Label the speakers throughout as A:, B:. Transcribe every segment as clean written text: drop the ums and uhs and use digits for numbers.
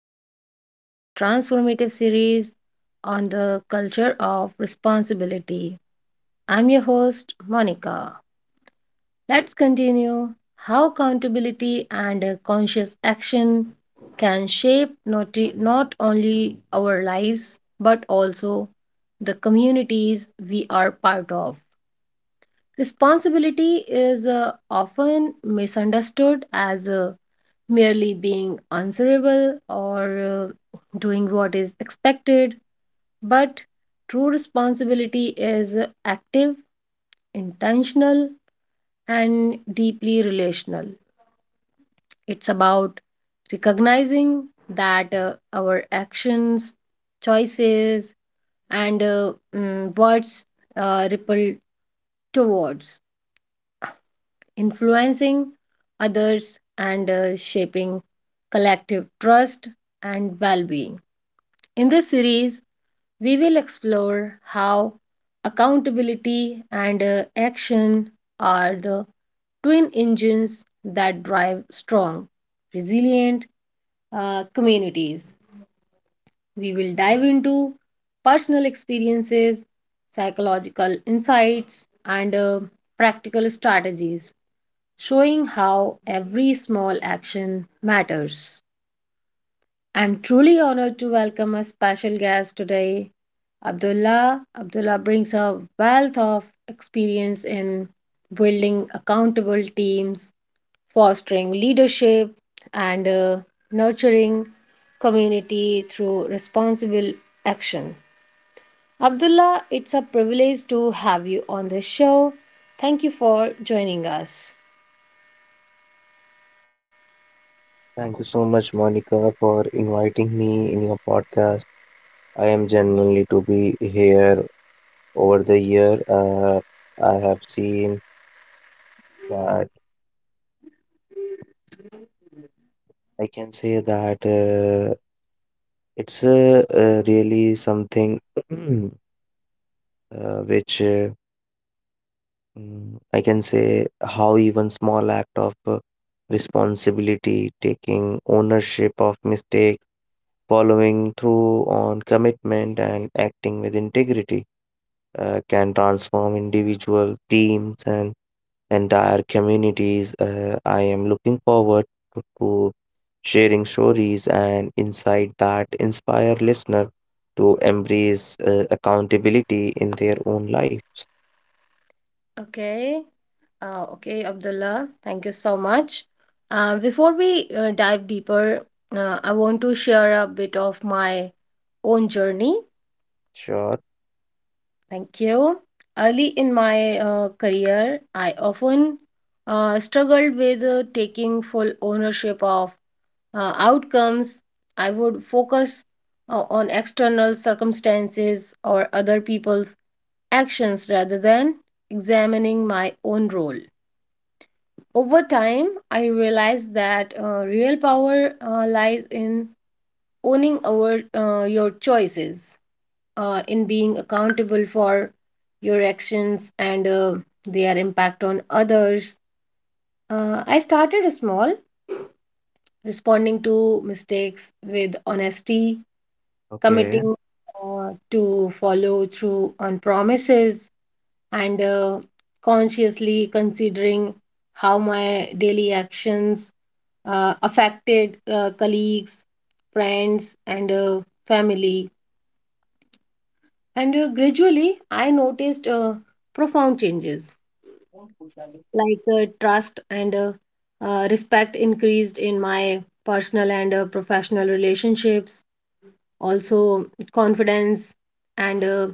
A: Welcome to this transformative series on the culture of responsibility. I'm your host, Monica. Let's continue how accountability and conscious action can shape not only our lives but also the communities we are part of. Responsibility is often misunderstood as a merely being answerable or doing what is expected, but true responsibility is active, intentional, and deeply relational. It's about recognizing that our actions, choices, and words ripple towards influencing others and shaping collective trust and well being. In this series, we will explore how accountability and action are the twin engines that drive strong, resilient communities. We will dive into personal experiences, psychological insights, and practical strategies, showing how every small action matters. I'm truly honored to welcome a special guest today, Abdullah. Abdullah brings a wealth of experience in building accountable teams, fostering leadership, and nurturing community through responsible action. Abdullah, it's a privilege to have you on the show. Thank you for joining us.
B: Thank you so much, Monica, for inviting me in your podcast. I am genuinely to be here. Over the year, I have seen that I can say that it's really something uh, which uh, I can say how even small act of responsibility, taking ownership of mistake, following through on commitment, and acting with integrity can transform individual teams and entire communities. I am looking forward to sharing stories and insight that inspire listeners to embrace accountability in their own lives.
A: Okay. Okay, Abdullah, thank you so much. Before we dive deeper, I want to share a bit of my own journey.
B: Sure.
A: Thank you. Early in my career, I often struggled with taking full ownership of outcomes. I would focus on external circumstances or other people's actions rather than examining my own role. Over time, I realized that real power lies in owning your choices, in being accountable for your actions and their impact on others. I started small, responding to mistakes with honesty,
B: Okay.
A: committing to follow through on promises, and consciously considering how my daily actions affected colleagues, friends, and family. And gradually, I noticed profound changes like trust and respect increased in my personal and professional relationships. Also, confidence and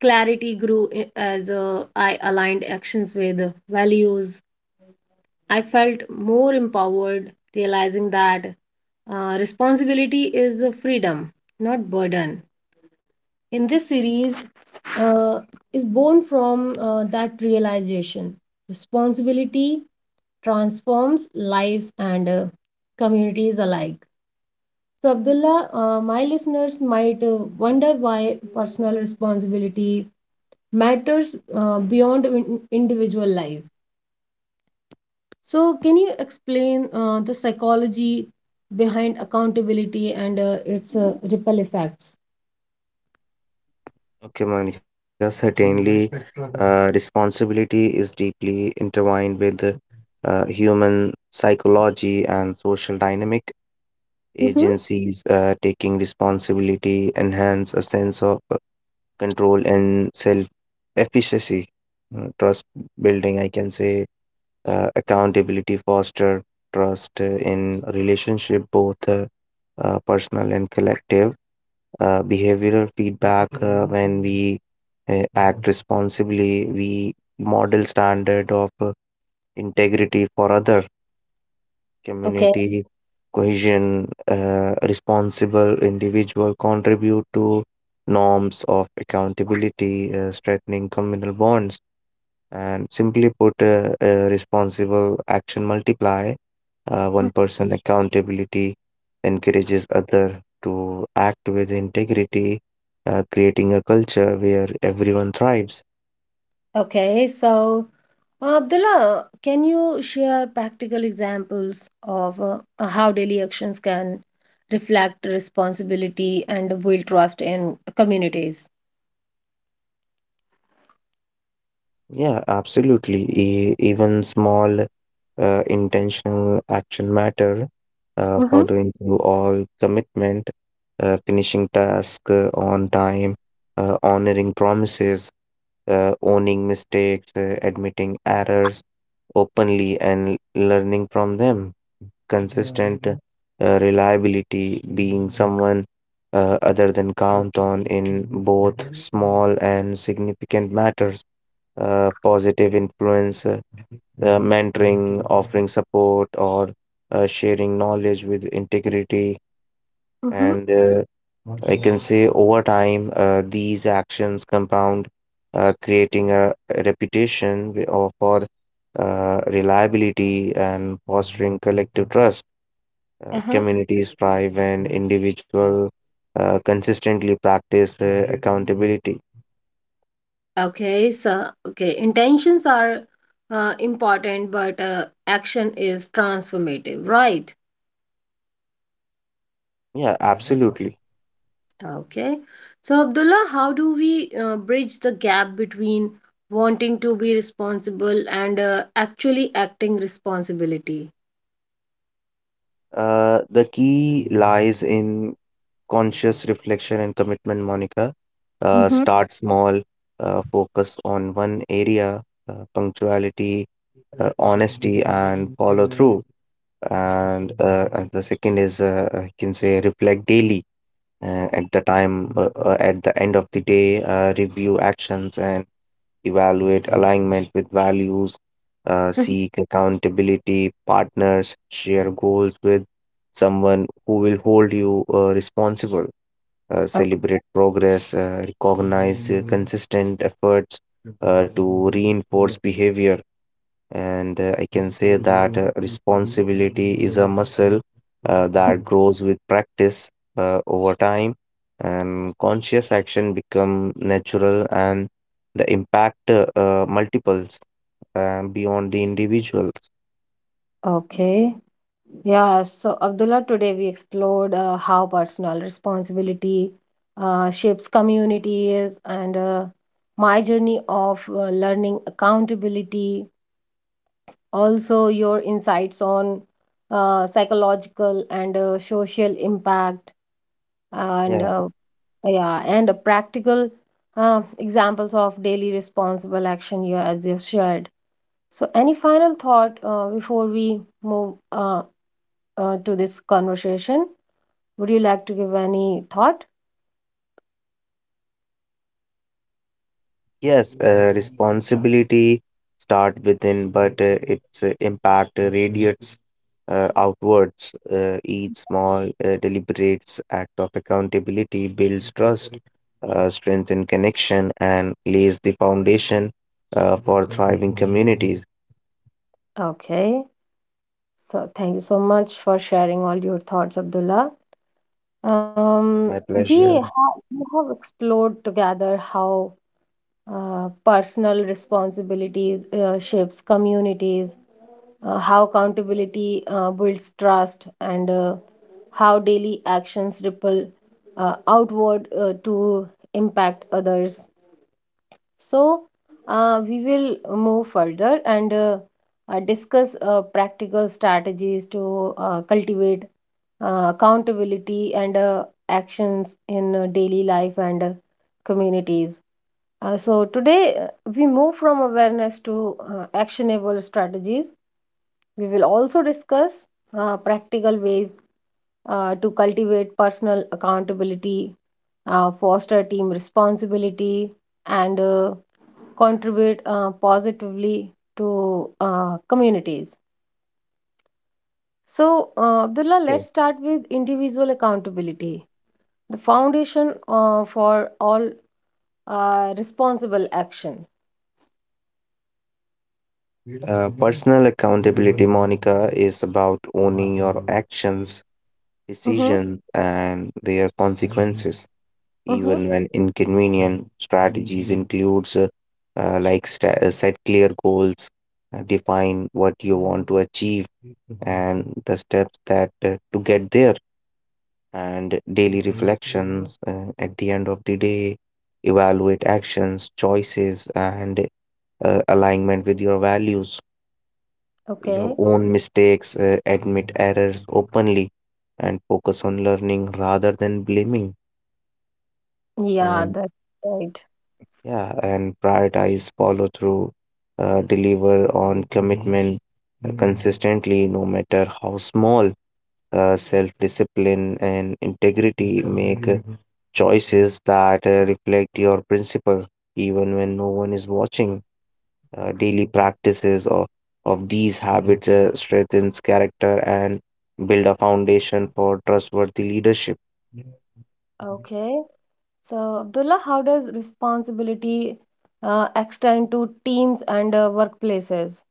A: clarity grew as I aligned actions with values. I felt more empowered, realizing that responsibility is a freedom, not burden. In this series, uh, is born from that realization. Responsibility transforms lives and communities alike. So, Abdullah, my listeners might wonder why personal responsibility matters beyond individual life. So, can you explain the psychology behind accountability and its ripple effects?
B: Okay, Monica. Certainly, responsibility is deeply intertwined with human psychology and social dynamic.
A: Mm-hmm.
B: Agencies taking responsibility enhance a sense of control and self efficacy. Trust building, I can say accountability foster trust in relationship, both personal and collective. Behavioral feedback, when we act responsibly, we model standard of integrity for others.
A: Okay,
B: Community cohesion, responsible individual contribute to norms of accountability, strengthening communal bonds. And simply put, responsible action multiply.
A: mm,
B: One person accountability encourages other to act with integrity, creating a culture where everyone thrives.
A: okay. So, Abdullah, can you share practical examples of how daily actions can reflect responsibility and build trust in communities?
B: Yeah, absolutely. Even small intentional action matter,
A: Mm-hmm,
B: following through all commitment, finishing task on time, honoring promises, owning mistakes, admitting errors openly, and learning from them. Yeah, consistent reliability, being someone other than count on in both small and significant matters. Positive influence, the mentoring, offering support, or sharing knowledge with integrity.
A: mm-hmm,
B: And I can say over time, these actions compound, creating a reputation for reliability and fostering collective trust.
A: uh-huh.
B: Communities thrive when individuals consistently practice accountability.
A: Okay, so, okay, intentions are important, but action is transformative, right?
B: Yeah, absolutely.
A: Okay. So, Abdullah, how do we bridge the gap between wanting to be responsible and actually acting responsibility?
B: The key lies in conscious reflection and commitment, Monica.
A: Mm-hmm.
B: Start small, focus on one area, punctuality, honesty, and follow through. And the second is, I can say, reflect daily. At the end of the day, review actions and evaluate alignment with values. Seek accountability, partners, share goals with someone who will hold you responsible,
A: Okay.
B: celebrate progress, recognize consistent efforts to reinforce behavior. And I can say that responsibility is a muscle that grows with practice over time, and conscious action become natural, and the impact multiples beyond the individual.
A: Okay. Yeah. So, Abdullah, today we explored how personal responsibility shapes communities and my journey of learning accountability. Also, your insights on psychological and social impact. And
B: Yeah.
A: Yeah, and practical examples of daily responsible action you as you shared. So any final thought before we move to this conversation, would you like to give any thought?
B: Yes, responsibility start within, but its impact radiates outwards. Each small, deliberate act of accountability builds trust, strengthens connection, and lays the foundation for thriving communities.
A: Okay, so thank you so much for sharing all your thoughts, Abdullah.
B: My pleasure.
A: We have explored together how personal responsibility shapes communities, how accountability builds trust, and how daily actions ripple outward to impact others. So, we will move further and discuss practical strategies to cultivate accountability and actions in daily life and communities. So, today we move from awareness to actionable strategies. We will also discuss practical ways to cultivate personal accountability, foster team responsibility, and contribute positively to communities. So, Abdullah, let's
B: Okay.
A: start with individual accountability, the foundation for all responsible action.
B: Personal accountability, Monica, is about owning your actions,
A: Mm-hmm,
B: decisions, and their consequences,
A: mm-hmm.
B: even when inconvenient. Strategies includes set clear goals, define what you want to achieve and the steps that to get there, and daily reflections at the end of the day, evaluate actions, choices, and alignment with your values. Your
A: Okay.
B: own mistakes, admit errors openly, and focus on learning rather than blaming.
A: Yeah,
B: And
A: that's right.
B: yeah, and prioritize, follow through, deliver on commitment consistently, no matter how small. Self-discipline and integrity make choices that reflect your principle, even when no one is watching. Daily practices of these habits strengthens character and build a foundation for trustworthy leadership.
A: Okay. So, Abdullah, how does responsibility extend to teams and workplaces?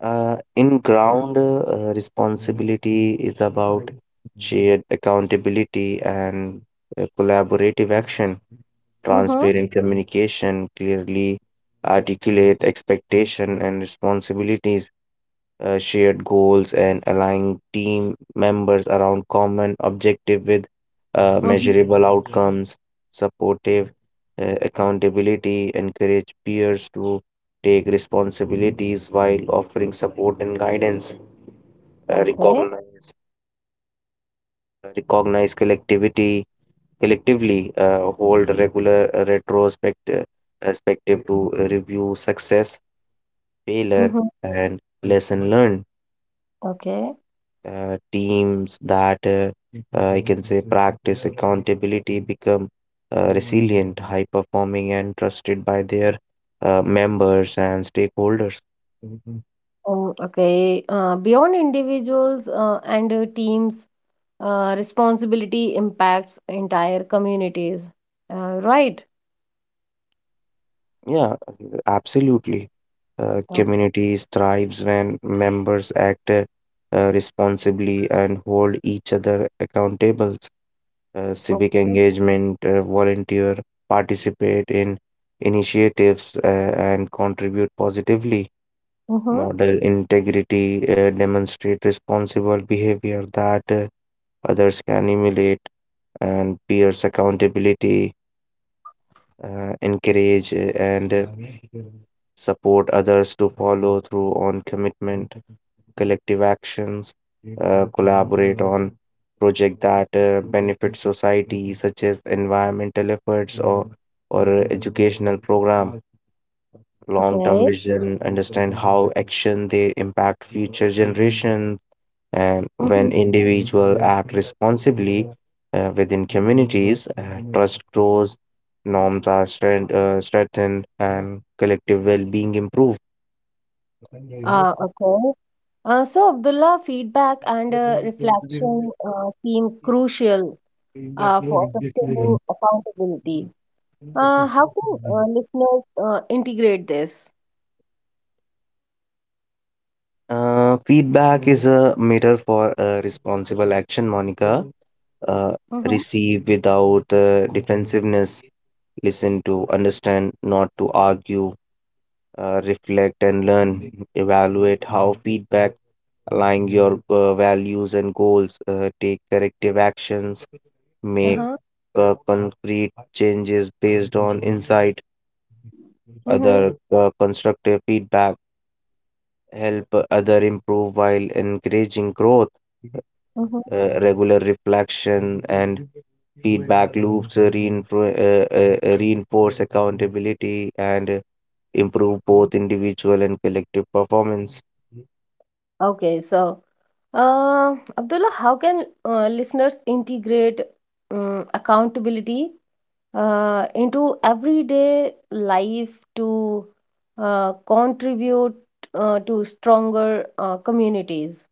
B: In ground, responsibility is about shared accountability and collaborative action,
A: Mm-hmm.
B: transparent communication, clearly articulate expectation and responsibilities, shared goals and aligning team members around common objective with
A: Mm-hmm.
B: measurable outcomes, supportive accountability, encourage peers to take responsibilities while offering support and guidance, uh,
A: Okay.
B: recognize recognize collectivity collectively hold regular retrospect perspective to review success, failure,
A: Mm-hmm.
B: and lesson learned.
A: Okay.
B: Teams that I can say practice accountability become resilient, high performing, and trusted by their members and stakeholders.
A: Oh, okay. Beyond individuals and teams, responsibility impacts entire communities. Right.
B: Yeah, absolutely.
A: Oh,
B: Communities thrives when members act responsibly and hold each other accountable.
A: oh.
B: Civic engagement, volunteer, participate in initiatives, and contribute positively.
A: Mm-hmm.
B: Model integrity, demonstrate responsible behavior that others can emulate, and peers accountability, encourage and support others to follow through on commitment, collective actions, collaborate on project that benefit society, such as environmental efforts or educational program. Long-term
A: Okay.
B: vision, understand how action they impact future generations. And
A: Mm-hmm.
B: when individuals act responsibly within communities, trust grows, norms are strengthened, and collective well-being improve.
A: Okay. So, Abdullah, feedback and reflection seem crucial for sustainable accountability. How can listeners integrate this?
B: Feedback is a mirror for responsible action, Monica. Uh,
A: Mm-hmm.
B: Receive without defensiveness, listen to understand, not to argue, reflect and learn. Evaluate how feedback align your values and goals. Take corrective actions. Make
A: Uh-huh.
B: concrete changes based on insight.
A: Mm-hmm.
B: Other constructive feedback help other improve while encouraging growth.
A: Mm-hmm.
B: Regular reflection and feedback loops reinforce accountability and improve both individual and collective performance.
A: Okay, so Abdullah, how can listeners integrate accountability into everyday life to contribute to stronger communities?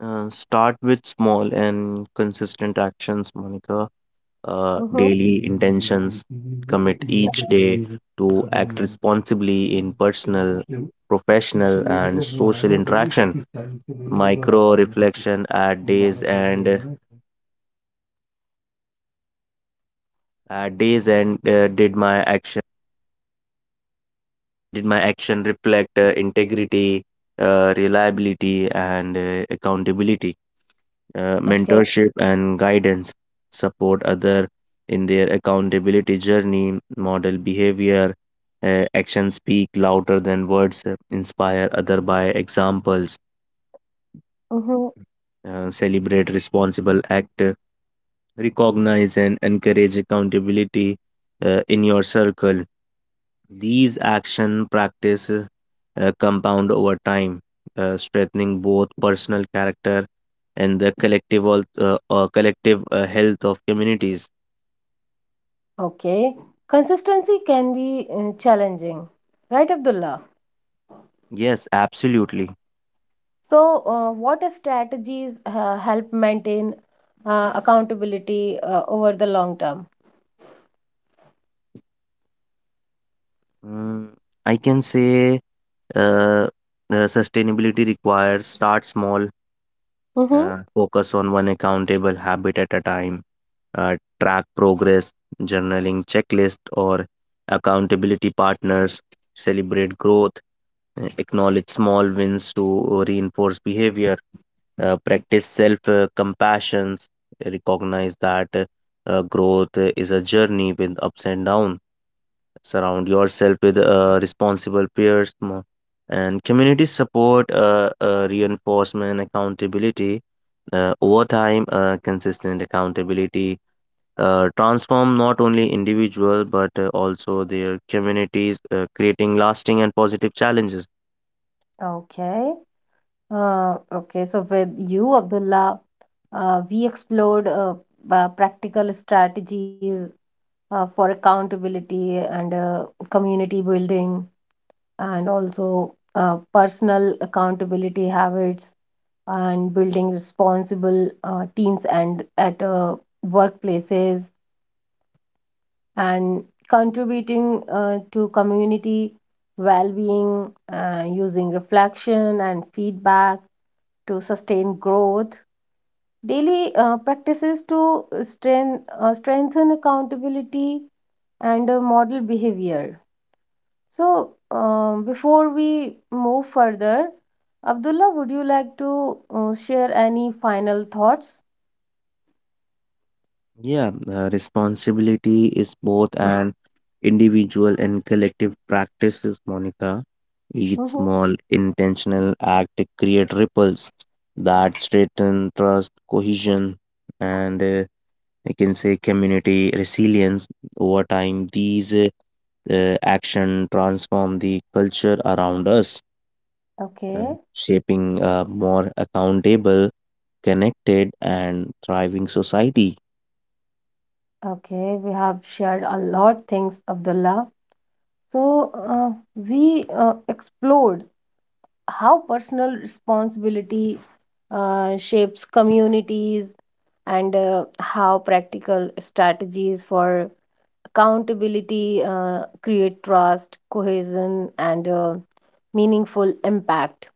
B: Start with small and consistent actions, Monica.
A: Mm-hmm.
B: Daily intentions. Commit each day to act responsibly in personal, professional, and social interaction. Micro reflection at days and did my action reflect integrity, reliability, and accountability?
A: Okay.
B: Mentorship and guidance, support other in their accountability journey, model behavior, actions speak louder than words, inspire other by examples,
A: Mm-hmm.
B: celebrate responsible act, recognize and encourage accountability in your circle. These action practices compound over time, strengthening both personal character and the collective health of communities.
A: Okay. Consistency can be challenging, right, Abdullah?
B: Yes, absolutely.
A: So, what strategies help maintain accountability over the long term?
B: Mm, I can say uh, sustainability requires start small,
A: Mm-hmm.
B: focus on one accountable habit at a time, uh, track progress, journaling checklist, or accountability partners, celebrate growth, acknowledge small wins to reinforce behavior, practice self compassion, recognize that growth is a journey with ups and downs. Surround yourself with responsible peers and community support, reinforcement, accountability over time, consistent accountability transform not only individual but also their communities, creating lasting and positive challenges.
A: Okay. Okay. So with you, Abdullah, we explored practical strategies for accountability and community building, and also personal accountability habits, and building responsible teams and at workplaces, and contributing to community well-being using reflection and feedback to sustain growth, daily practices to strengthen accountability and model behavior. So before we move further, Abdullah, would you like to share any final thoughts?
B: Yeah, responsibility is both an individual and collective practices, Monica. Each
A: Mhm.
B: small intentional act create ripples that strengthen trust, cohesion, and I can say community resilience over time. These action transform the culture around us, uh,
A: Okay,
B: shaping a more accountable, connected, and thriving society.
A: okay, we have shared a lot things, Abdullah. So, we explored how personal responsibility shapes communities and how practical strategies for accountability create trust, cohesion, and meaningful impact.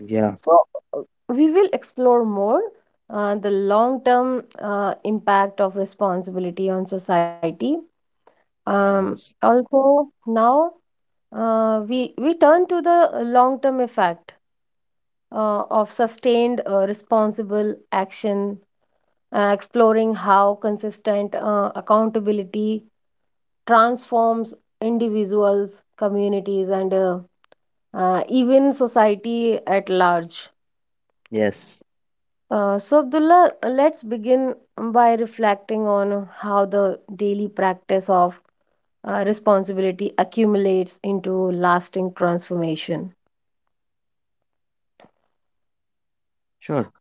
B: Yeah.
A: So, uh, we will explore more the long term impact of responsibility on society. Um,
B: Yes.
A: Also, now we turn to the long-term effect of sustained responsible action, exploring how consistent accountability transforms individuals, communities, and even society at large.
B: Yes.
A: So, Abdullah, let's begin by reflecting on how the daily practice of responsibility accumulates into lasting transformation.
B: Sure.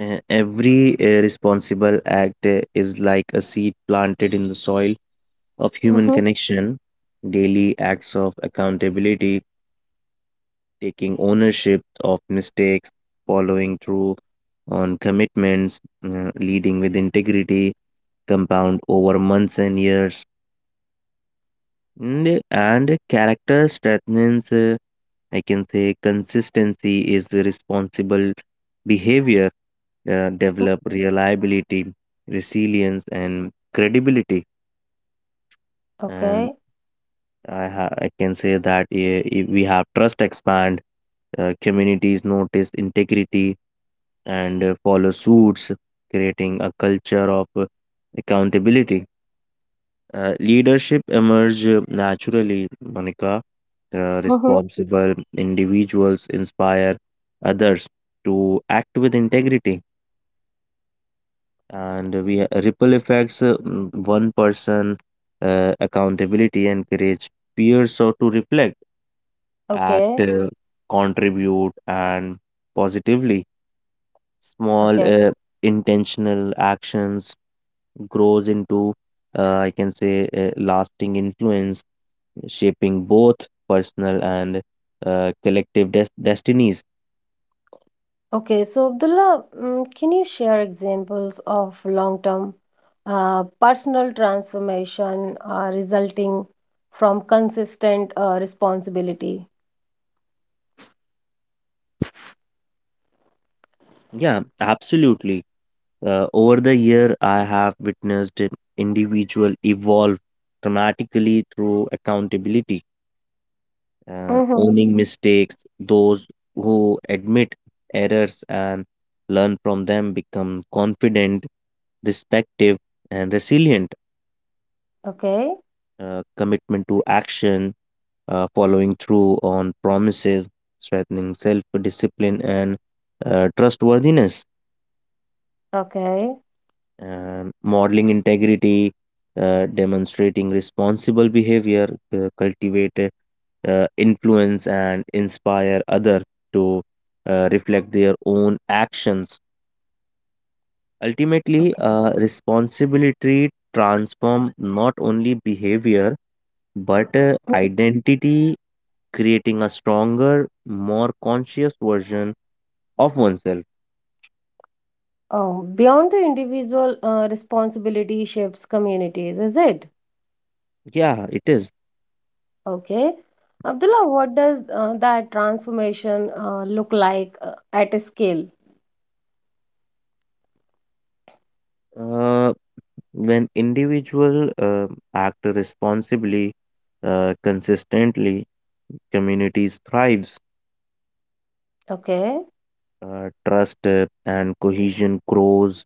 B: Every responsible act is like a seed planted in the soil of human
A: Mm-hmm.
B: connection. Daily acts of accountability, taking ownership of mistakes, following through on commitments, leading with integrity, compound over months and years. And character strengthens, I can say, consistency is the responsible behavior, develop reliability, resilience, and credibility. And
A: Okay.
B: I can say that if we have trust expand, communities notice integrity and follow suits, creating a culture of accountability. Leadership emerge naturally, Monica.
A: Mhm.
B: Responsible individuals inspire others to act with integrity, and we ripple effects. One person accountability encourage peers so to reflect, act,
A: Okay,
B: contribute, and positively. Small
A: okay,
B: intentional actions grows into I can say lasting influence shaping both personal and collective destinies.
A: okay. So, Abdullah, mm, can you share examples of long-term personal transformation resulting from consistent responsibility?
B: Yeah, absolutely. Over the year, I have witnessed an individual evolve dramatically through accountability,
A: Mm-hmm.
B: owning mistakes. Those who admit errors and learn from them become confident, respective, and resilient.
A: Okay,
B: Commitment to action, following through on promises, strengthening self discipline and trustworthiness,
A: okay,
B: and modeling integrity, demonstrating responsible behavior, cultivate influence, and inspire others to reflect their own actions.
A: okay.
B: Ultimately, responsibility transform not only behavior but
A: Mhm.
B: identity, creating a stronger, more conscious version of oneself.
A: Oh, beyond the individual responsibility shapes communities, is it?
B: Yeah, it is.
A: Okay. Abdullah, what does that transformation look like at a scale?
B: Uh, when individual act responsibly, consistently, communities thrives,
A: Okay,
B: trust and cohesion grows.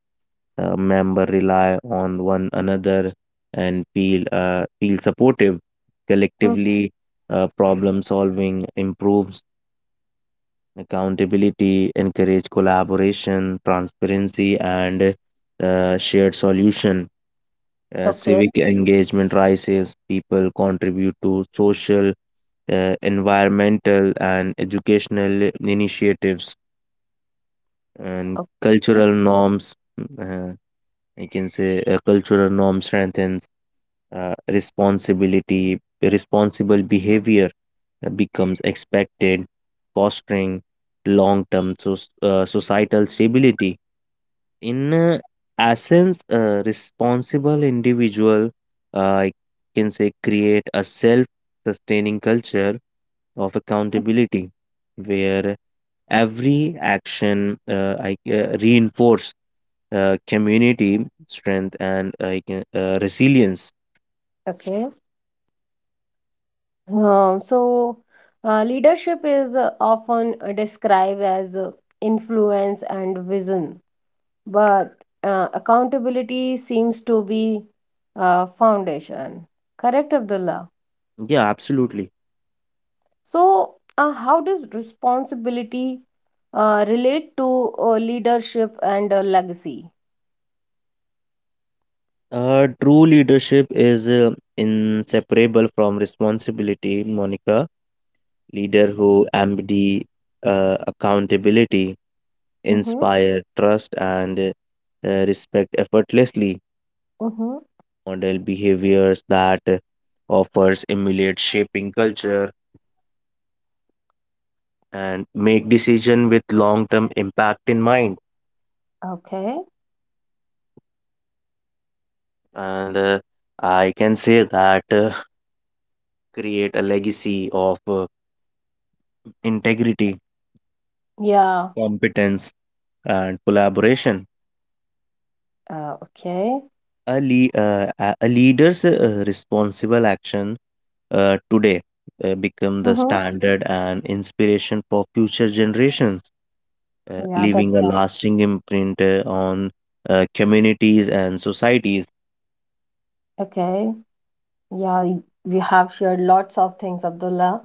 B: Member rely on one another and feel supportive.
A: mm,
B: Collectively, problem solving improves. Accountability encourage collaboration, transparency, and shared solution.
A: okay,
B: Civic engagement rises, people contribute to social, environmental, and educational initiatives, and
A: okay.
B: cultural norms. Uh, I can say cultural norm strengthens responsibility, responsible behavior becomes expected, fostering long term so, societal stability. In essence, a responsible individual, I can say, create a self-sustaining culture of accountability where every action reinforce community strength and resilience.
A: Okay. So, leadership is often described as influence and vision, but accountability seems to be foundation. Correct, Abdullah?
B: Yeah, absolutely.
A: So, how does responsibility relate to leadership and legacy?
B: True leadership is inseparable from responsibility, Monica. Leader who embody accountability
A: Mm-hmm.
B: inspire trust and respect effortlessly.
A: Mm-hmm.
B: Model behaviors that offers emulate shaping culture and make decision with long-term impact in mind.
A: Okay.
B: And I can say that create a legacy of integrity,
A: Yeah.
B: competence, and collaboration.
A: Okay.
B: A, le- a leader's responsible action today become
A: Mm-hmm.
B: the standard and inspiration for future generations,
A: Yeah, that's
B: leaving a
A: right.
B: lasting imprint on communities and societies.
A: Okay. We have shared lots of things, Abdullah,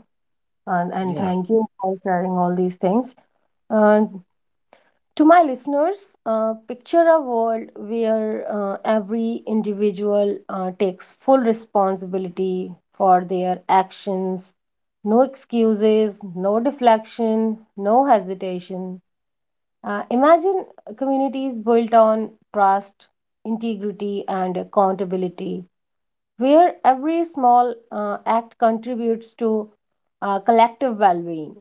A: and
B: Yeah.
A: thank you for sharing all these things. Uh, to my listeners, picture a world where every individual takes full responsibility for their actions. No excuses, no deflection, no hesitation. Imagine communities built on trust, integrity, and accountability where every small act contributes to collective well being.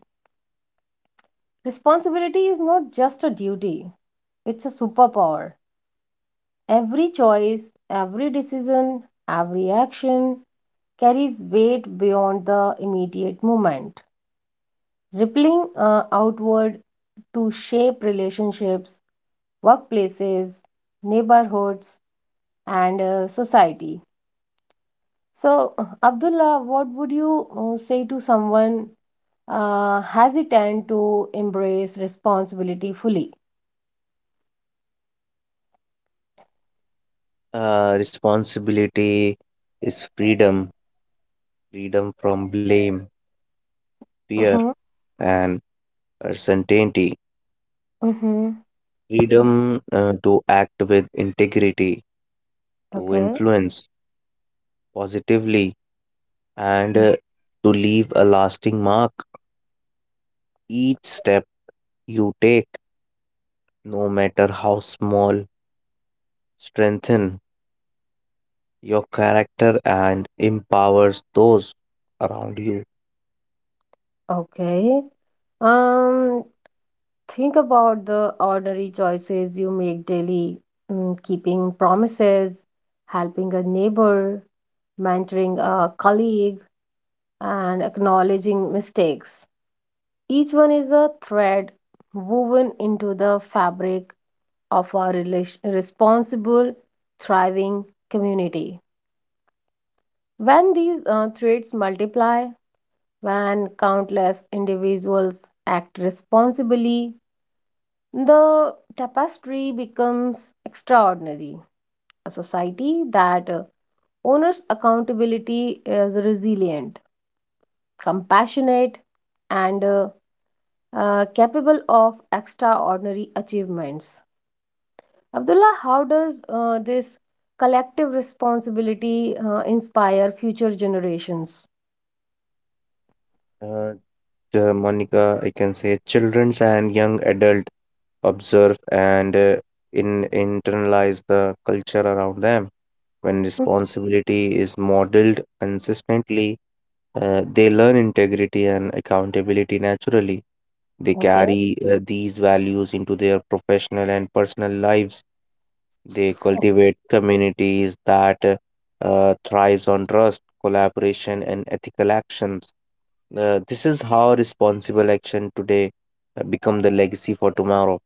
A: Responsibility is not just a duty, it's a superpower. Every choice, every decision, every action carries weight beyond the immediate moment, rippling outward to shape relationships, workplaces, neighborhoods, and society. So, Abdullah, what would you say to someone hesitant to embrace responsibility fully?
B: Responsibility is freedom, freedom from blame, fear,
A: Mm-hmm.
B: and uncertainty,
A: Mm-hmm.
B: freedom to act with integrity, to
A: Okay.
B: influence positively, and
A: Mm.
B: to leave a lasting mark. Each step you take, no matter how small, strengthen your character and empowers those around you.
A: Okay. Um, think about the ordinary choices you make daily, mm, keeping promises, helping a neighbor, mentoring a colleague, and acknowledging mistakes. Each one is a thread woven into the fabric of our relation responsible, thriving community. When these traits multiply, when countless individuals act responsibly, the tapestry becomes extraordinary. A society that honors accountability is resilient, compassionate, and capable of extraordinary achievements. Abdullah, how does this collective responsibility inspire future generations?
B: Uh, the Monica, I can say, childrens and young adult observe and in internalize the culture around them. When responsibility is modeled consistently, they learn integrity and accountability naturally. They
A: Okay.
B: carry these values into their professional and personal lives. They cultivate communities that thrives on trust, collaboration, and ethical actions. This is how responsible action today become the legacy for tomorrow.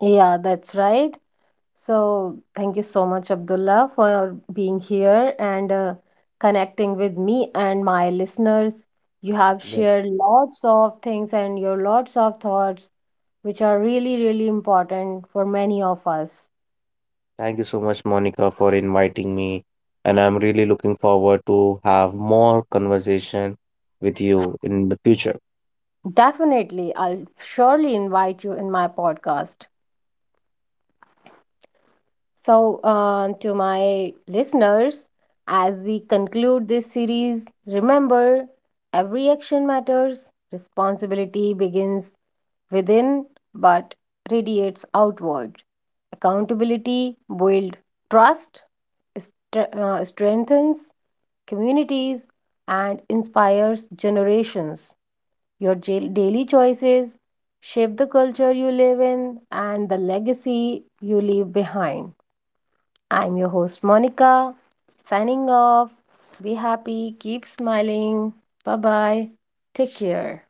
A: Yeah, that's right. So, thank you so much, Abdullah, for being here and connecting with me and my listeners. You have
B: Yeah.
A: shared lots of things and your lots of thoughts, which are really, really important for many of us.
B: Thank you so much, Monica, for inviting me, and I'm really looking forward to have more conversation with you in the future.
A: Definitely, I'll surely invite you in my podcast. So, to my listeners, as we conclude this series, remember every action matters, responsibility begins within but radiates outward. Accountability builds trust, strengthens communities, and inspires generations. Your daily choices shape the culture you live in and the legacy you leave behind. I'm your host Monica, signing off. Be happy, keep smiling. Bye bye. Take care.